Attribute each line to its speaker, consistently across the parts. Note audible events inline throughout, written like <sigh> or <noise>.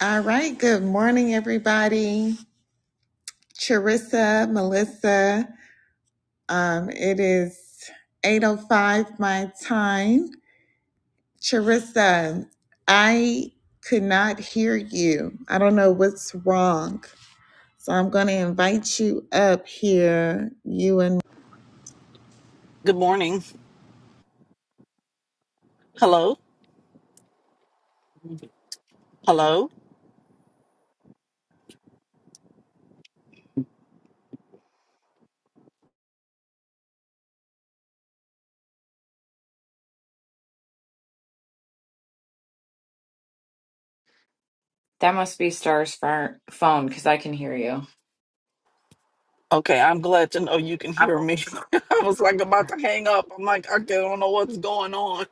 Speaker 1: All right. Good morning, everybody. Charissa, Melissa. Um, it is 8.05 my time. Charissa, I could not hear you. I don't know what's wrong. So I'm going to invite you up here. You and
Speaker 2: Good morning. Hello. Hello.
Speaker 3: That must be Star's phone because I can hear you.
Speaker 2: Okay, I'm glad to know you can
Speaker 3: I'm
Speaker 2: hear
Speaker 3: going.
Speaker 2: me.
Speaker 3: to-
Speaker 2: <laughs> I was like about to hang up. I'm like, I don't know what's going on.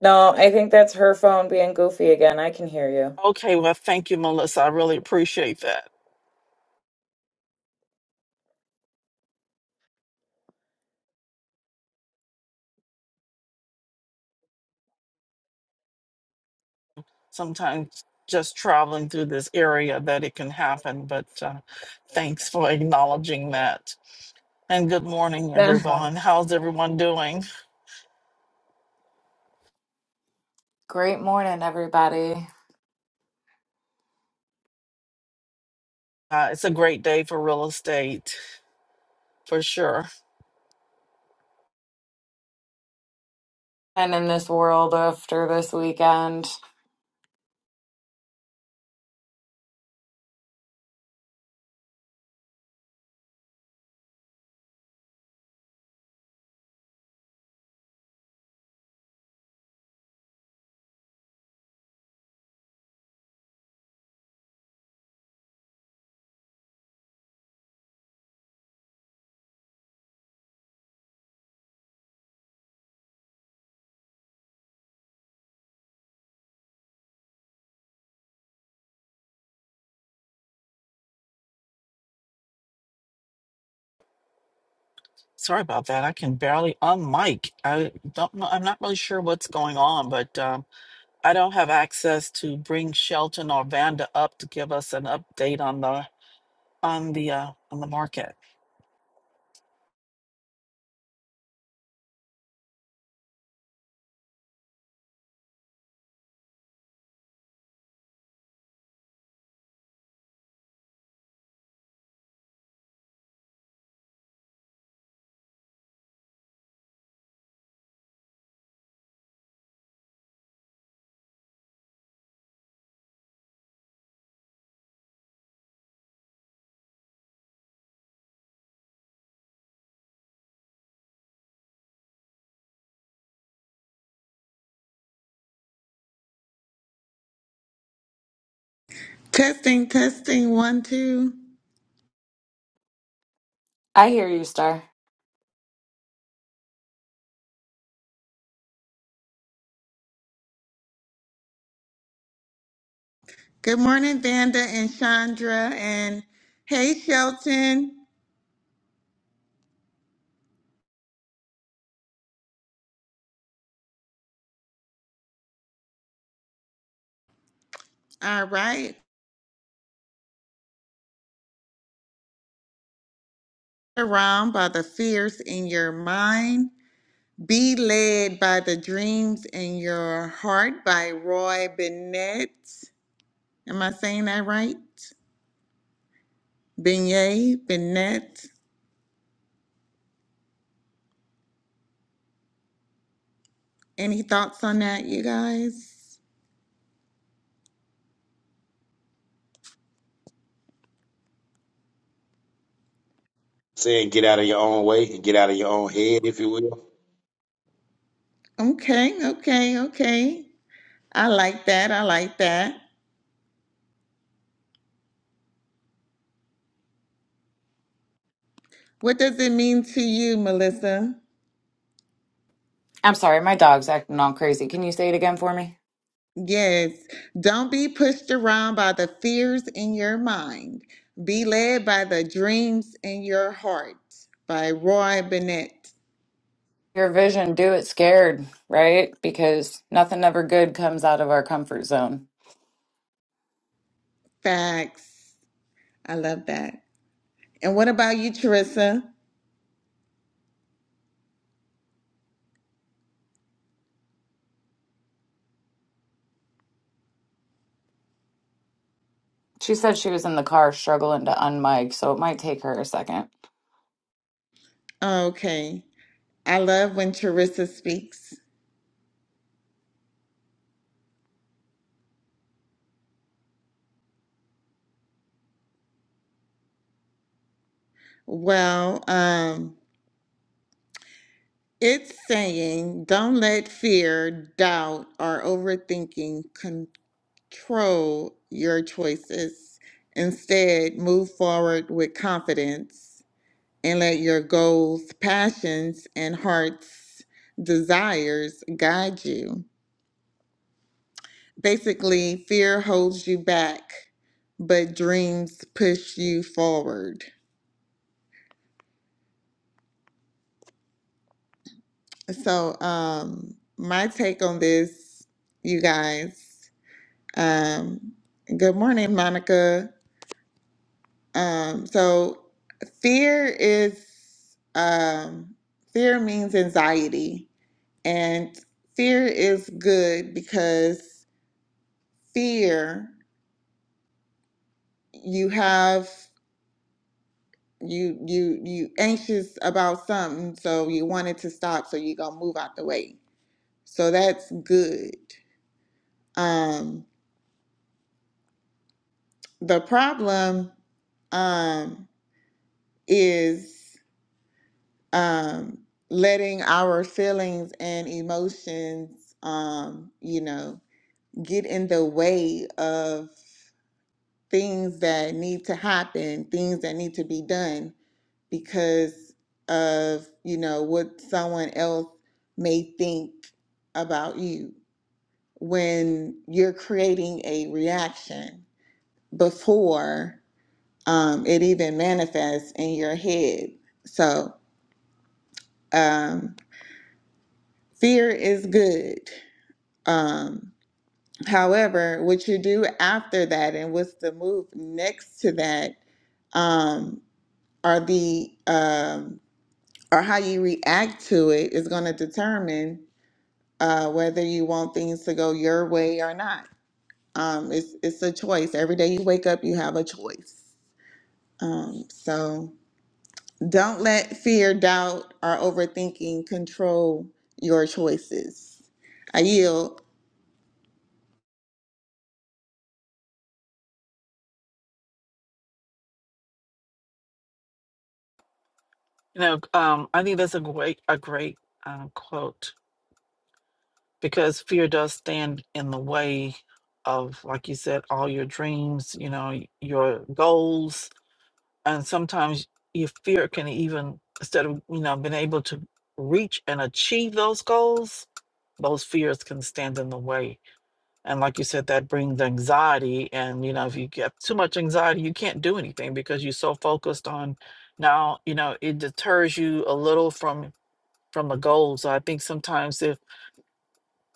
Speaker 3: No, I think that's her phone being goofy again. I can hear you.
Speaker 2: Okay, well, thank you, Melissa. I really appreciate that. Sometimes just traveling through this area that it can happen, but uh, thanks for acknowledging that. And good morning,
Speaker 3: Good <laughs> morning.
Speaker 2: everyone. How's everyone doing?
Speaker 3: Great morning, everybody.
Speaker 2: Uh, it's a great day for real estate, for sure.
Speaker 3: And in this world after this weekend,
Speaker 2: Sorry about that. I can barely unmic. I don't know. I'm not really sure what's going on, but um, I don't have access to bring Shelton or Vanda up to give us an update on the on the uh, on the market.
Speaker 1: testing, testing, one, two.
Speaker 3: I hear you, Star.
Speaker 1: Good morning, Vanda and Chandra. And hey, Shelton. All right. Around by the fears in your mind. Be Led by the Dreams in Your Heart by Roy Bennett. Am I saying that right? Beignet, Bennett. Any thoughts on that, you guys?
Speaker 4: Saying get out of your own way and get out of your own head, if you will.
Speaker 1: Okay, okay, okay. I like that. I like that. What does it mean to you, Melissa?
Speaker 3: I'm sorry, my dog's acting all crazy. Can you say it again for me?
Speaker 1: Yes. Don't be pushed around by the fears in your mind. Be led by the dreams in your heart by Roy Bennett.
Speaker 3: Your vision, do it scared, right? Because nothing ever good comes out of our comfort zone.
Speaker 1: Facts. I love that. And what about you, Teresa?
Speaker 3: She said she was in the car struggling to unmic, so it might take her a second.
Speaker 1: Okay. I love when Teresa speaks. Well, um, it's saying don't let fear, doubt, or overthinking control your choices. Instead, move forward with confidence and let your goals, passions, and heart's desires guide you. basically fear holds you back, but dreams push you forward. So, um, my take on this, you guys. Um, good morning, Monica. Um, so fear is um, fear means anxiety, and fear is good because fear you have. you you you anxious about something so you want it to stop so you gonna move out the way so that's good um the problem um is um letting our feelings and emotions um you know get in the way of things that need to happen things that need to be done because of you know what someone else may think about you when you're creating a reaction before um, it even manifests in your head so um, fear is good um, however what you do after that and what's the move next to that um, are the um, or how you react to it is going to determine uh, whether you want things to go your way or not. Um, it's it's a choice. Every day you wake up, you have a choice. Um, so don't let fear, doubt, or overthinking control your choices. I yield.
Speaker 2: You know, um, I think that's a great a great uh, quote because fear does stand in the way of, like you said, all your dreams. You know, your goals and sometimes your fear can even instead of you know being able to reach and achieve those goals those fears can stand in the way and like you said that brings anxiety and you know if you get too much anxiety you can't do anything because you're so focused on now you know it deters you a little from from the goals so i think sometimes if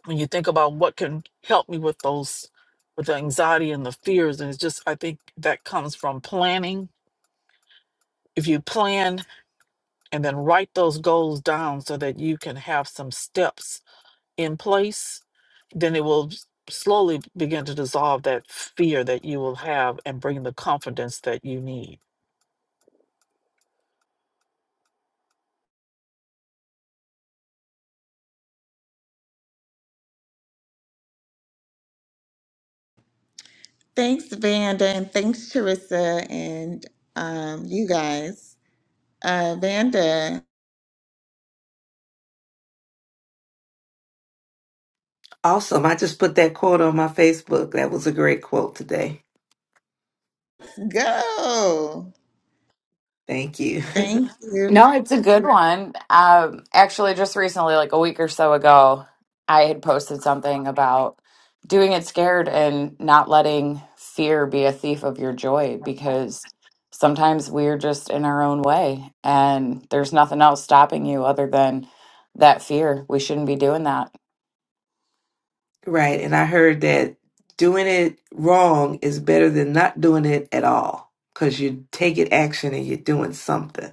Speaker 2: when you think about what can help me with those with the anxiety and the fears and it's just i think that comes from planning if you plan and then write those goals down so that you can have some steps in place, then it will s- slowly begin to dissolve that fear that you will have and bring the confidence that you need.
Speaker 1: Thanks, Vanda, and thanks, Teresa, and um, you guys. Uh, Vanda,
Speaker 5: Awesome. I just put that quote on my Facebook. That was a great quote today.
Speaker 1: go.
Speaker 5: Thank you. <laughs>
Speaker 1: Thank you.
Speaker 3: No, it's a good one. Um, actually, just recently, like a week or so ago, I had posted something about doing it scared and not letting fear be a thief of your joy because sometimes we're just in our own way and there's nothing else stopping you other than that fear. We shouldn't be doing that.
Speaker 5: right. And I heard that doing it wrong is better than not doing it at all because you're taking action and you're doing something.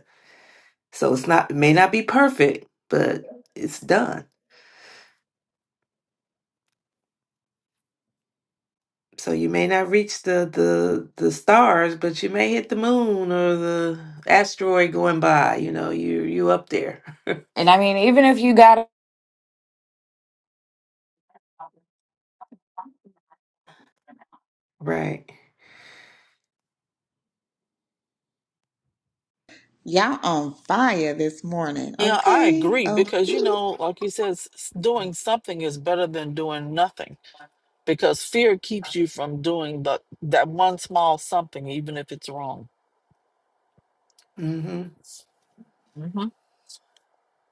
Speaker 5: So it's not, it may not be perfect, but it's done. So you may not reach the, the the stars, but you may hit the moon or the asteroid going by. You know, you you up there,
Speaker 3: And I mean, even if you got
Speaker 5: <laughs> right?
Speaker 1: Y'all on fire this morning.
Speaker 2: Yeah, I
Speaker 1: Okay.
Speaker 2: agree
Speaker 1: Okay.
Speaker 2: because you know, like you said, s- s- doing something is better than doing nothing because fear keeps you from doing the that one small something, even if it's wrong.
Speaker 5: Mm-hmm.
Speaker 2: Mhm.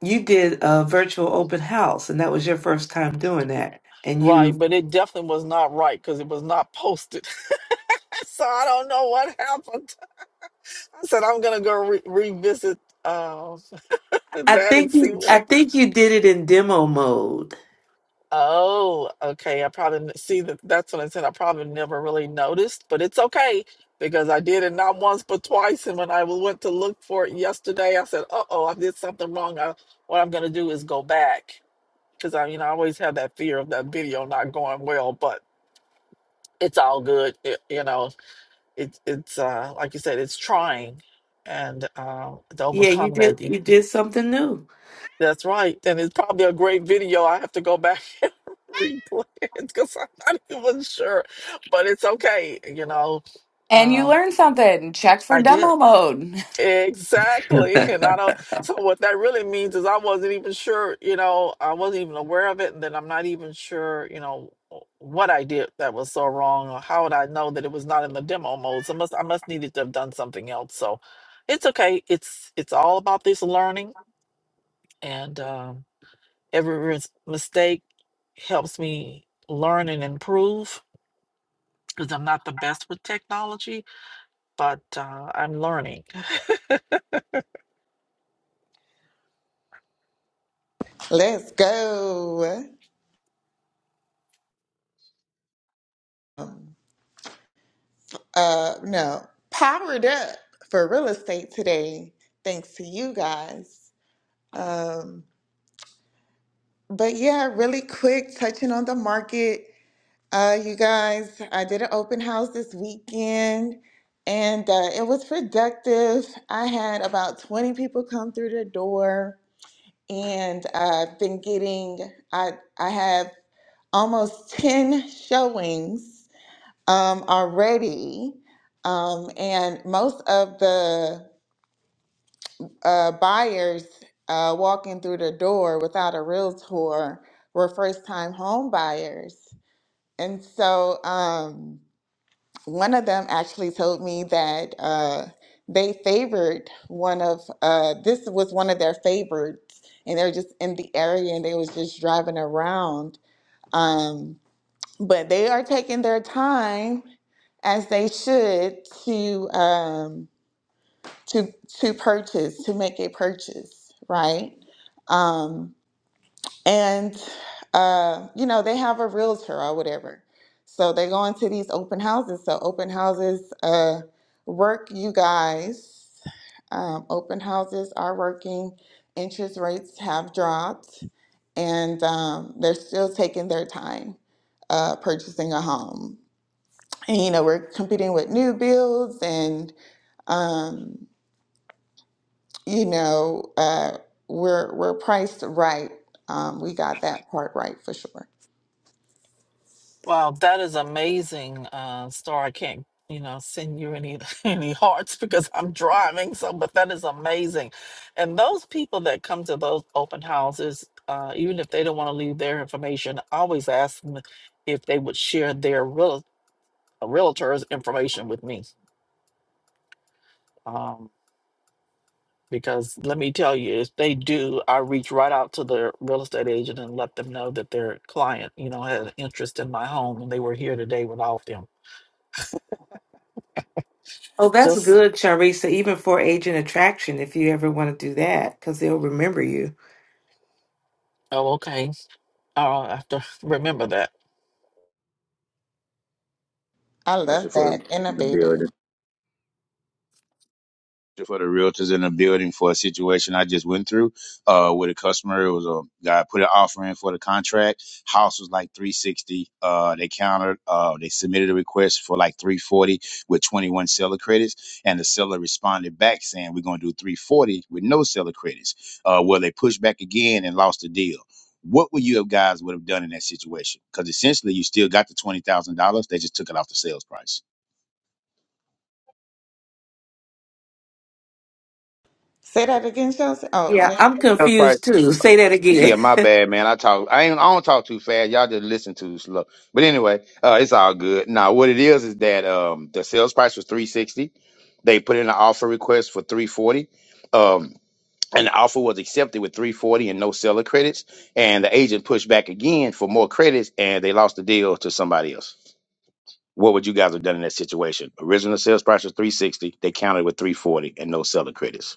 Speaker 5: you did a virtual open house and that was your first time doing that and
Speaker 2: Right,
Speaker 5: you
Speaker 2: but it definitely was not right because it was not posted. <laughs> so I don't know what happened. I said I'm gonna go re- revisit um <laughs>
Speaker 5: i
Speaker 2: that and
Speaker 5: think
Speaker 2: see
Speaker 5: you
Speaker 2: what
Speaker 5: i
Speaker 2: I.
Speaker 5: think you did it in demo mode
Speaker 2: Oh, okay. I probably n- see that. That's what I said. I probably never really noticed, but it's okay because I did it not once but twice. And when I w- went to look for it yesterday, I said, "Uh oh, I did something wrong." I, what I'm gonna do is go back because I, you know, I always have that fear of that video not going well, but it's all good. It, you know, it's it's uh like you said, it's trying, and uh, to
Speaker 5: yeah you
Speaker 2: overcome
Speaker 5: did
Speaker 2: that,
Speaker 5: you did something new
Speaker 2: That's right. And it's probably a great video. I have to go back <laughs> and replay it because I'm not even sure. But it's okay. You know,
Speaker 3: and you
Speaker 2: um,
Speaker 3: learn something, check for
Speaker 2: I did.
Speaker 3: demo mode.
Speaker 2: Exactly. And I don't, so what that really means is I wasn't even sure, you know, I wasn't even aware of it. And then I'm not even sure, you know, what I did that was so wrong or how would I know that it was not in the demo mode. So I must, I must needed to have done something else. So it's okay. It's, it's all about this learning and, um, Every ris- mistake helps me learn and improve because I'm not the best with technology, but uh, I'm learning.
Speaker 1: Let's go. Um, Uh, no, powered up for real estate today, thanks to you guys. Um, but yeah, really quick, touching on the market. Uh, you guys, I did an open house this weekend and uh, it was productive. I had about 20 people come through the door and I've been getting, I, I have almost 10 showings um, already. Um, and most of the uh, buyers uh, walking through the door without a realtor were first time home buyers. And so um, one of them actually told me that uh, they favored one of, uh, this was one of their favorites, and they're just in the area and they was just driving around. Um, but they are taking their time as they should to. Um, to to purchase to make a purchase right um and uh you know they have a realtor or whatever so they go into these open houses so open houses uh work you guys um, open houses are working interest rates have dropped and um, they're still taking their time uh, purchasing a home and you know we're competing with new builds and um, you know, uh, we're we're priced right. Um, we got that part right for sure.
Speaker 2: Wow, that is amazing, uh, Star. I can't, you know, send you any <laughs> any hearts because I'm driving. So, but that is amazing. And those people that come to those open houses, uh, even if they don't want to leave their information, I always ask them if they would share their real, uh, realtor's information with me Um, Because let me tell you, if they do, I reach right out to the real estate agent and let them know that their client, you know, had an interest in my home and they were here today with all of them.
Speaker 5: oh that's
Speaker 2: Just,
Speaker 5: good charissa even for agent attraction if you ever want to do that because they'll remember you
Speaker 2: oh, okay. I'll have to <laughs> remember that.
Speaker 1: I
Speaker 4: Question
Speaker 1: love
Speaker 4: for the,
Speaker 1: that
Speaker 4: the
Speaker 1: innovative.
Speaker 4: building. for the realtors in the building for a situation I just went through uh, with a customer. It was a guy put an offer in for the contract. House was like 360. Uh, they countered. Uh, they submitted a request for like 340 with 21 seller credits, and the seller responded back saying, "We're going to do 340 with no seller credits." Uh, well, they pushed back again and lost the deal. What would you have guys would have done in that situation? Because essentially, you still got the twenty thousand dollars. They just took it off the sales price.
Speaker 1: Say that again, Shelton. Oh,
Speaker 5: Yeah,
Speaker 1: man.
Speaker 5: I'm confused too. Say that
Speaker 4: Yeah,
Speaker 5: again.
Speaker 4: my
Speaker 5: <laughs>
Speaker 4: bad, man. I talk. I ain't. I don't talk too fast. Y'all just listen too slow. But anyway, uh, it's all good. Now, what it is is that um, the sales price was three sixty. They put in an offer request for three forty. Um, and the offer was accepted with three forty and no seller credits. And the agent pushed back again for more credits, and they lost the deal to somebody else. What would you guys have done in that situation? Original sales price was three sixty. They counted with three forty and no seller credits.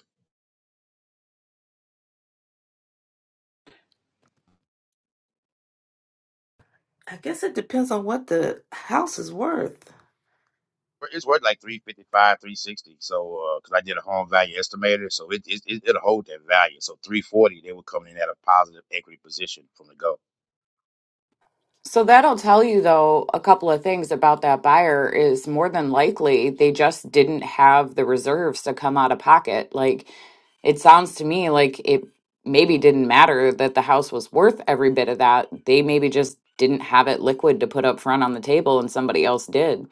Speaker 5: I guess it depends on what the house is worth.
Speaker 4: It's worth like 355, 360. So, uh, because I did a home value estimator, so it, it, it, it'll hold that value. So, 340, they were coming in at a positive equity position from the go.
Speaker 3: So that'll tell you, though, a couple of things about that buyer is more than likely they just didn't have the reserves to come out of pocket. Like it sounds to me like it maybe didn't matter that the house was worth every bit of that. They maybe just didn't have it liquid to put up front on the table and somebody else did.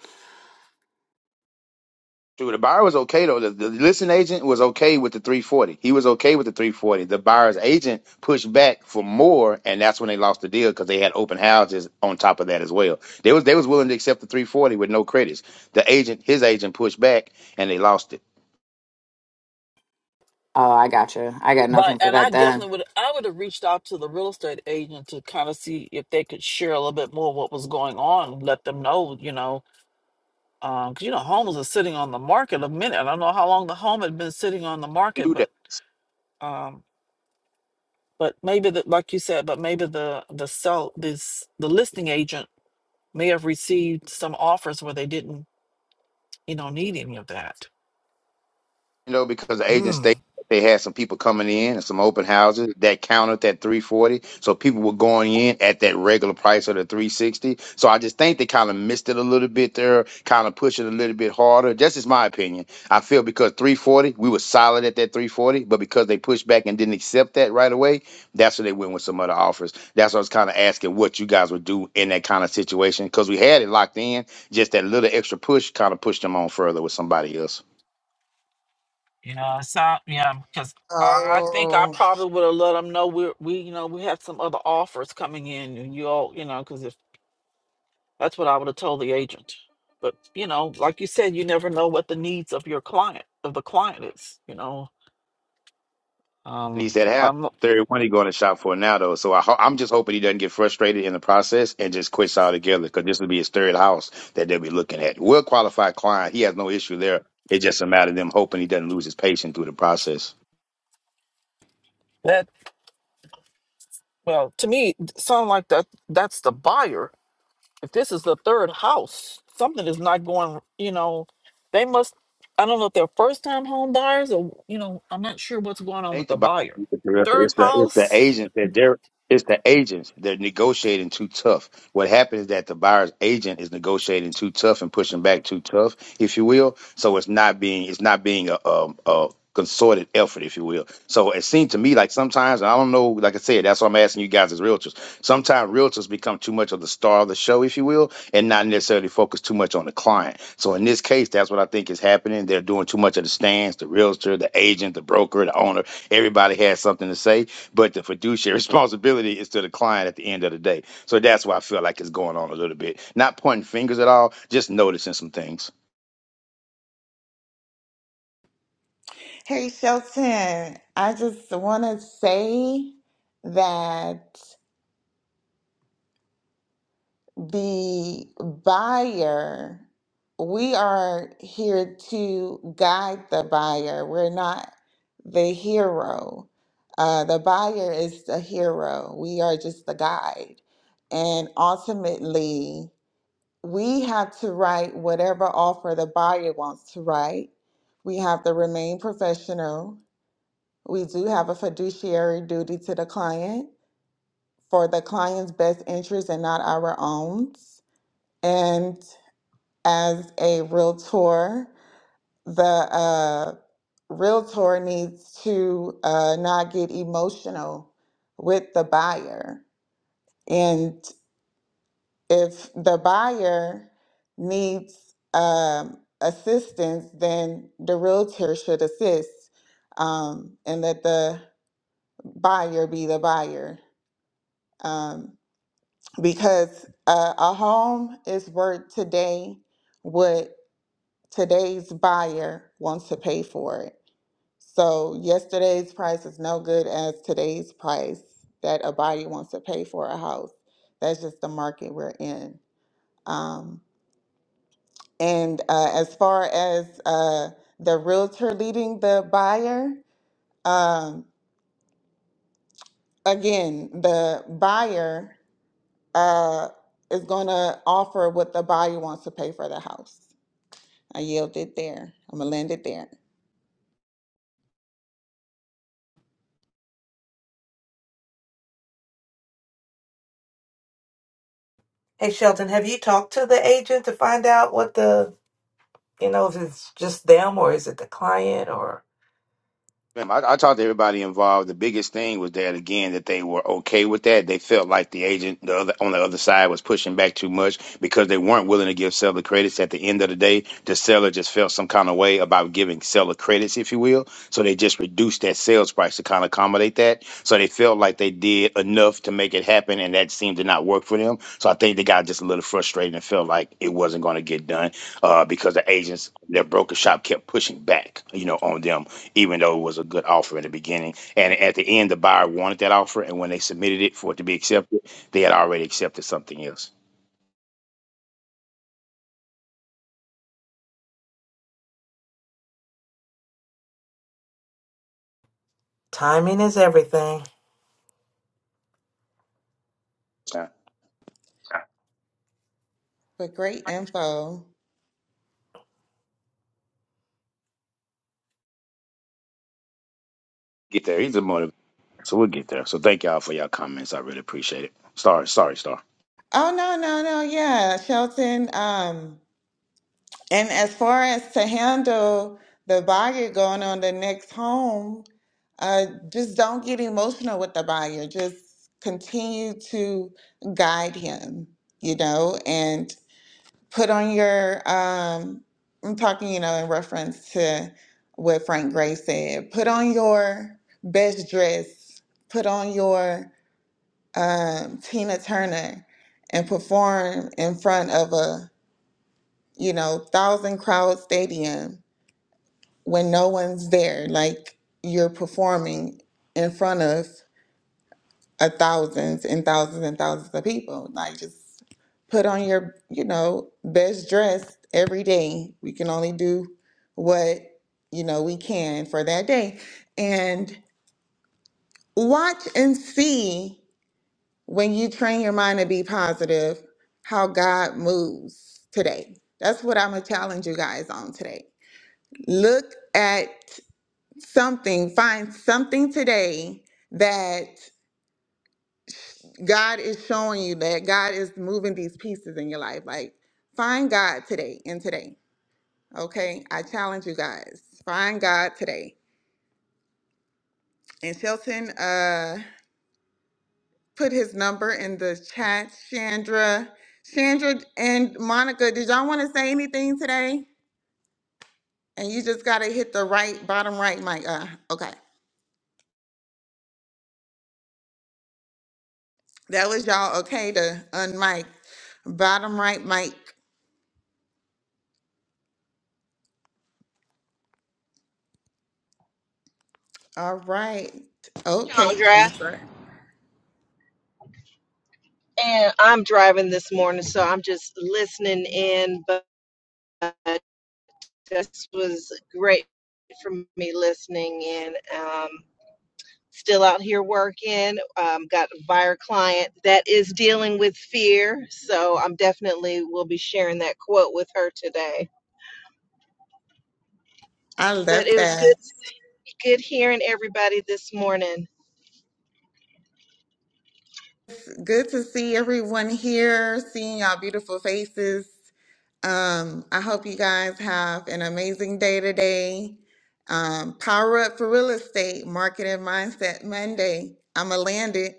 Speaker 4: Dude, the buyer was okay though. The, the listing agent was okay with the 340. He was okay with the 340. The buyer's agent pushed back for more, and that's when they lost the deal because they had open houses on top of that as well. They was they was willing to accept the 340 with no credits. The agent, his agent, pushed back, and they lost
Speaker 3: Oh, I gotcha. I got
Speaker 2: Right,
Speaker 3: nothing for
Speaker 2: and I
Speaker 3: that then.
Speaker 2: definitely would. I would have reached out to the real estate agent to kind of see if they could share a little bit more what was going on, let them know, you know, Um, 'cause you know, homes are sitting on the market a minute. I don't know how long the home had been sitting on the market,
Speaker 4: it.
Speaker 2: but um, but maybe the like you said, but maybe the the sell this the listing agent may have received some offers where they didn't, you know, need any of that.
Speaker 4: you know, because the agent stated
Speaker 2: Mm.
Speaker 4: they had some people coming in and some open houses that counted that 340. So people were going in at that regular price of the 360. So I just think they kind of missed it a little bit there, kind of push it a little bit harder. Just is my opinion. I feel because 340, we were solid at that 340, but because they pushed back and didn't accept that right away, that's where they went with some other offers. That's what I was kind of asking what you guys would do in that kind of situation because we had it locked in. Just that little extra push kind of pushed them on further with somebody else.
Speaker 2: Yeah, so yeah, because I think I
Speaker 1: oh,
Speaker 2: probably would have let them know we we you know we had some other offers coming in, and you all you know know, 'cause That's what I would have told the agent. But you know, like you said, you never know what the needs of your client of the client is. You know,
Speaker 4: And he
Speaker 2: um,
Speaker 4: said half
Speaker 2: I'm
Speaker 4: 31 he going to shop for now though. So I ho- I'm just hoping he doesn't get frustrated in the process and just quits altogether because this will be his third house that they'll be looking at. Well qualified client, he has no issue there. It's just a matter of them hoping he doesn't lose his patience through the process.
Speaker 2: that well to me it sound like that that's the buyer. If this is the third house, something is not going. You know, they must. I don't know if they're first time home buyers or you know, I'm not sure what's going on with
Speaker 4: think
Speaker 2: the
Speaker 4: about
Speaker 2: buyer.
Speaker 4: it,
Speaker 2: Third
Speaker 4: it's the it's the
Speaker 2: house.
Speaker 4: agents that they're it's the agents they're negotiating too tough. What happens is that the buyer's agent is negotiating too tough and pushing back too tough, if you will. So it's not being it's not being a um a consorted effort, if you will. So it seemed to me like sometimes and I don't know, like I said, that's why I'm asking you guys as realtors. Sometimes realtors become too much of the star of the show, if you will, and not necessarily focus too much on the client. So in this case, that's what I think is happening. They're doing too much of the stands, the realtor, the agent, the broker, the owner. Everybody has something to say, but the fiduciary <laughs> responsibility is to the client at the end of the day. So that's why I feel like it's going on a little bit. Not pointing fingers at all, just noticing some things.
Speaker 1: hey, Shelton. I just want to say that. the buyer, we are here to guide the buyer. We're not the hero. Uh, the buyer is the hero. We are just the guide. And ultimately, we have to write whatever offer the buyer wants to write. We have to remain professional. We do have a fiduciary duty to the client for the client's best interest and not our own. And as a realtor, the uh, realtor needs to uh, not get emotional with the buyer. And if the buyer needs um, assistance, then the realtor should assist um, and let the buyer be the buyer. Um, because uh, a home is worth today what. today's buyer wants to pay for it. So yesterday's price is no good as today's price that a buyer wants to pay for a house. That's just the market we're in. Um, and uh, as far as uh, the realtor leading the buyer, um, again, the buyer uh, is going to offer what the buyer wants to pay for the house. I yield it there. I'm gonna land it there.
Speaker 5: Hey Shelton, have you talked to the agent to find out what the, you know, if it's just them or is it the client or?
Speaker 4: I, I talked to everybody involved. The biggest thing was that again that they were okay with that. They felt like the agent the other, on the other side was pushing back too much because they weren't willing to give seller credits. At the end of the day, the seller just felt some kind of way about giving seller credits, if you will. So they just reduced that sales price to kind of accommodate that. So. They felt like they did enough to make it happen, and that seemed to not work for them. So I think they got just a little frustrated and felt like it wasn't going to get done uh, because the agents, their broker shop, kept pushing back, you know, on them, even though it was a good offer in the beginning. And at the end, the buyer wanted that offer, and when they submitted it for it to be accepted, they had already accepted something else.
Speaker 5: Timing is everything.
Speaker 4: Uh,
Speaker 1: But great info.
Speaker 4: get there. He's a motivator, so we'll get there. So thank y'all for y'all comments. I really appreciate it. Sorry, sorry, sorry.
Speaker 1: Oh no, no, no, yeah. Shelton, um, And as far as to handle the buyer going on the next home, uh, just don't get emotional with the buyer. Just continue to guide him, you know, and put on your, um, I'm talking, you know, in reference to what Frank Gray said, put on your best dress, put on your um, Tina Turner and perform in front of a, you know, thousand crowd stadium when no one's there, like you're performing in front of a thousands and thousands and thousands of people. Like just put on your, you know, best dress every day. We can only do what, you know, we can for that day. And watch and see when you train your mind to be positive how God moves today. That's what I'm gonna challenge you guys on today. Look at something, find something today that God is showing you that God is moving these pieces in your life. Like, find God today and today. Okay. I challenge you guys. Find God today. And Shelton uh put his number in the chat. Chandra. Chandra and Monica, did y'all want to say anything today? And you just gotta hit the right bottom right mic. Uh okay. That was y'all okay to unmic. Bottom right mic. All right. Okay,
Speaker 6: Chandra,
Speaker 1: Jennifer.
Speaker 6: and I'm driving this morning, so I'm just listening in. But this was great for me listening in. Um, still out here working. Um, got a buyer client that is dealing with fear, so I'm definitely will be sharing that quote with her today.
Speaker 1: I
Speaker 6: But
Speaker 1: love
Speaker 6: it was good,
Speaker 1: that.
Speaker 6: good hearing everybody this morning.
Speaker 1: Good to see everyone here, seeing y'all beautiful faces. Um, I hope you guys have an amazing day today. Um, power up for real estate, marketing mindset Monday. I'ma land it.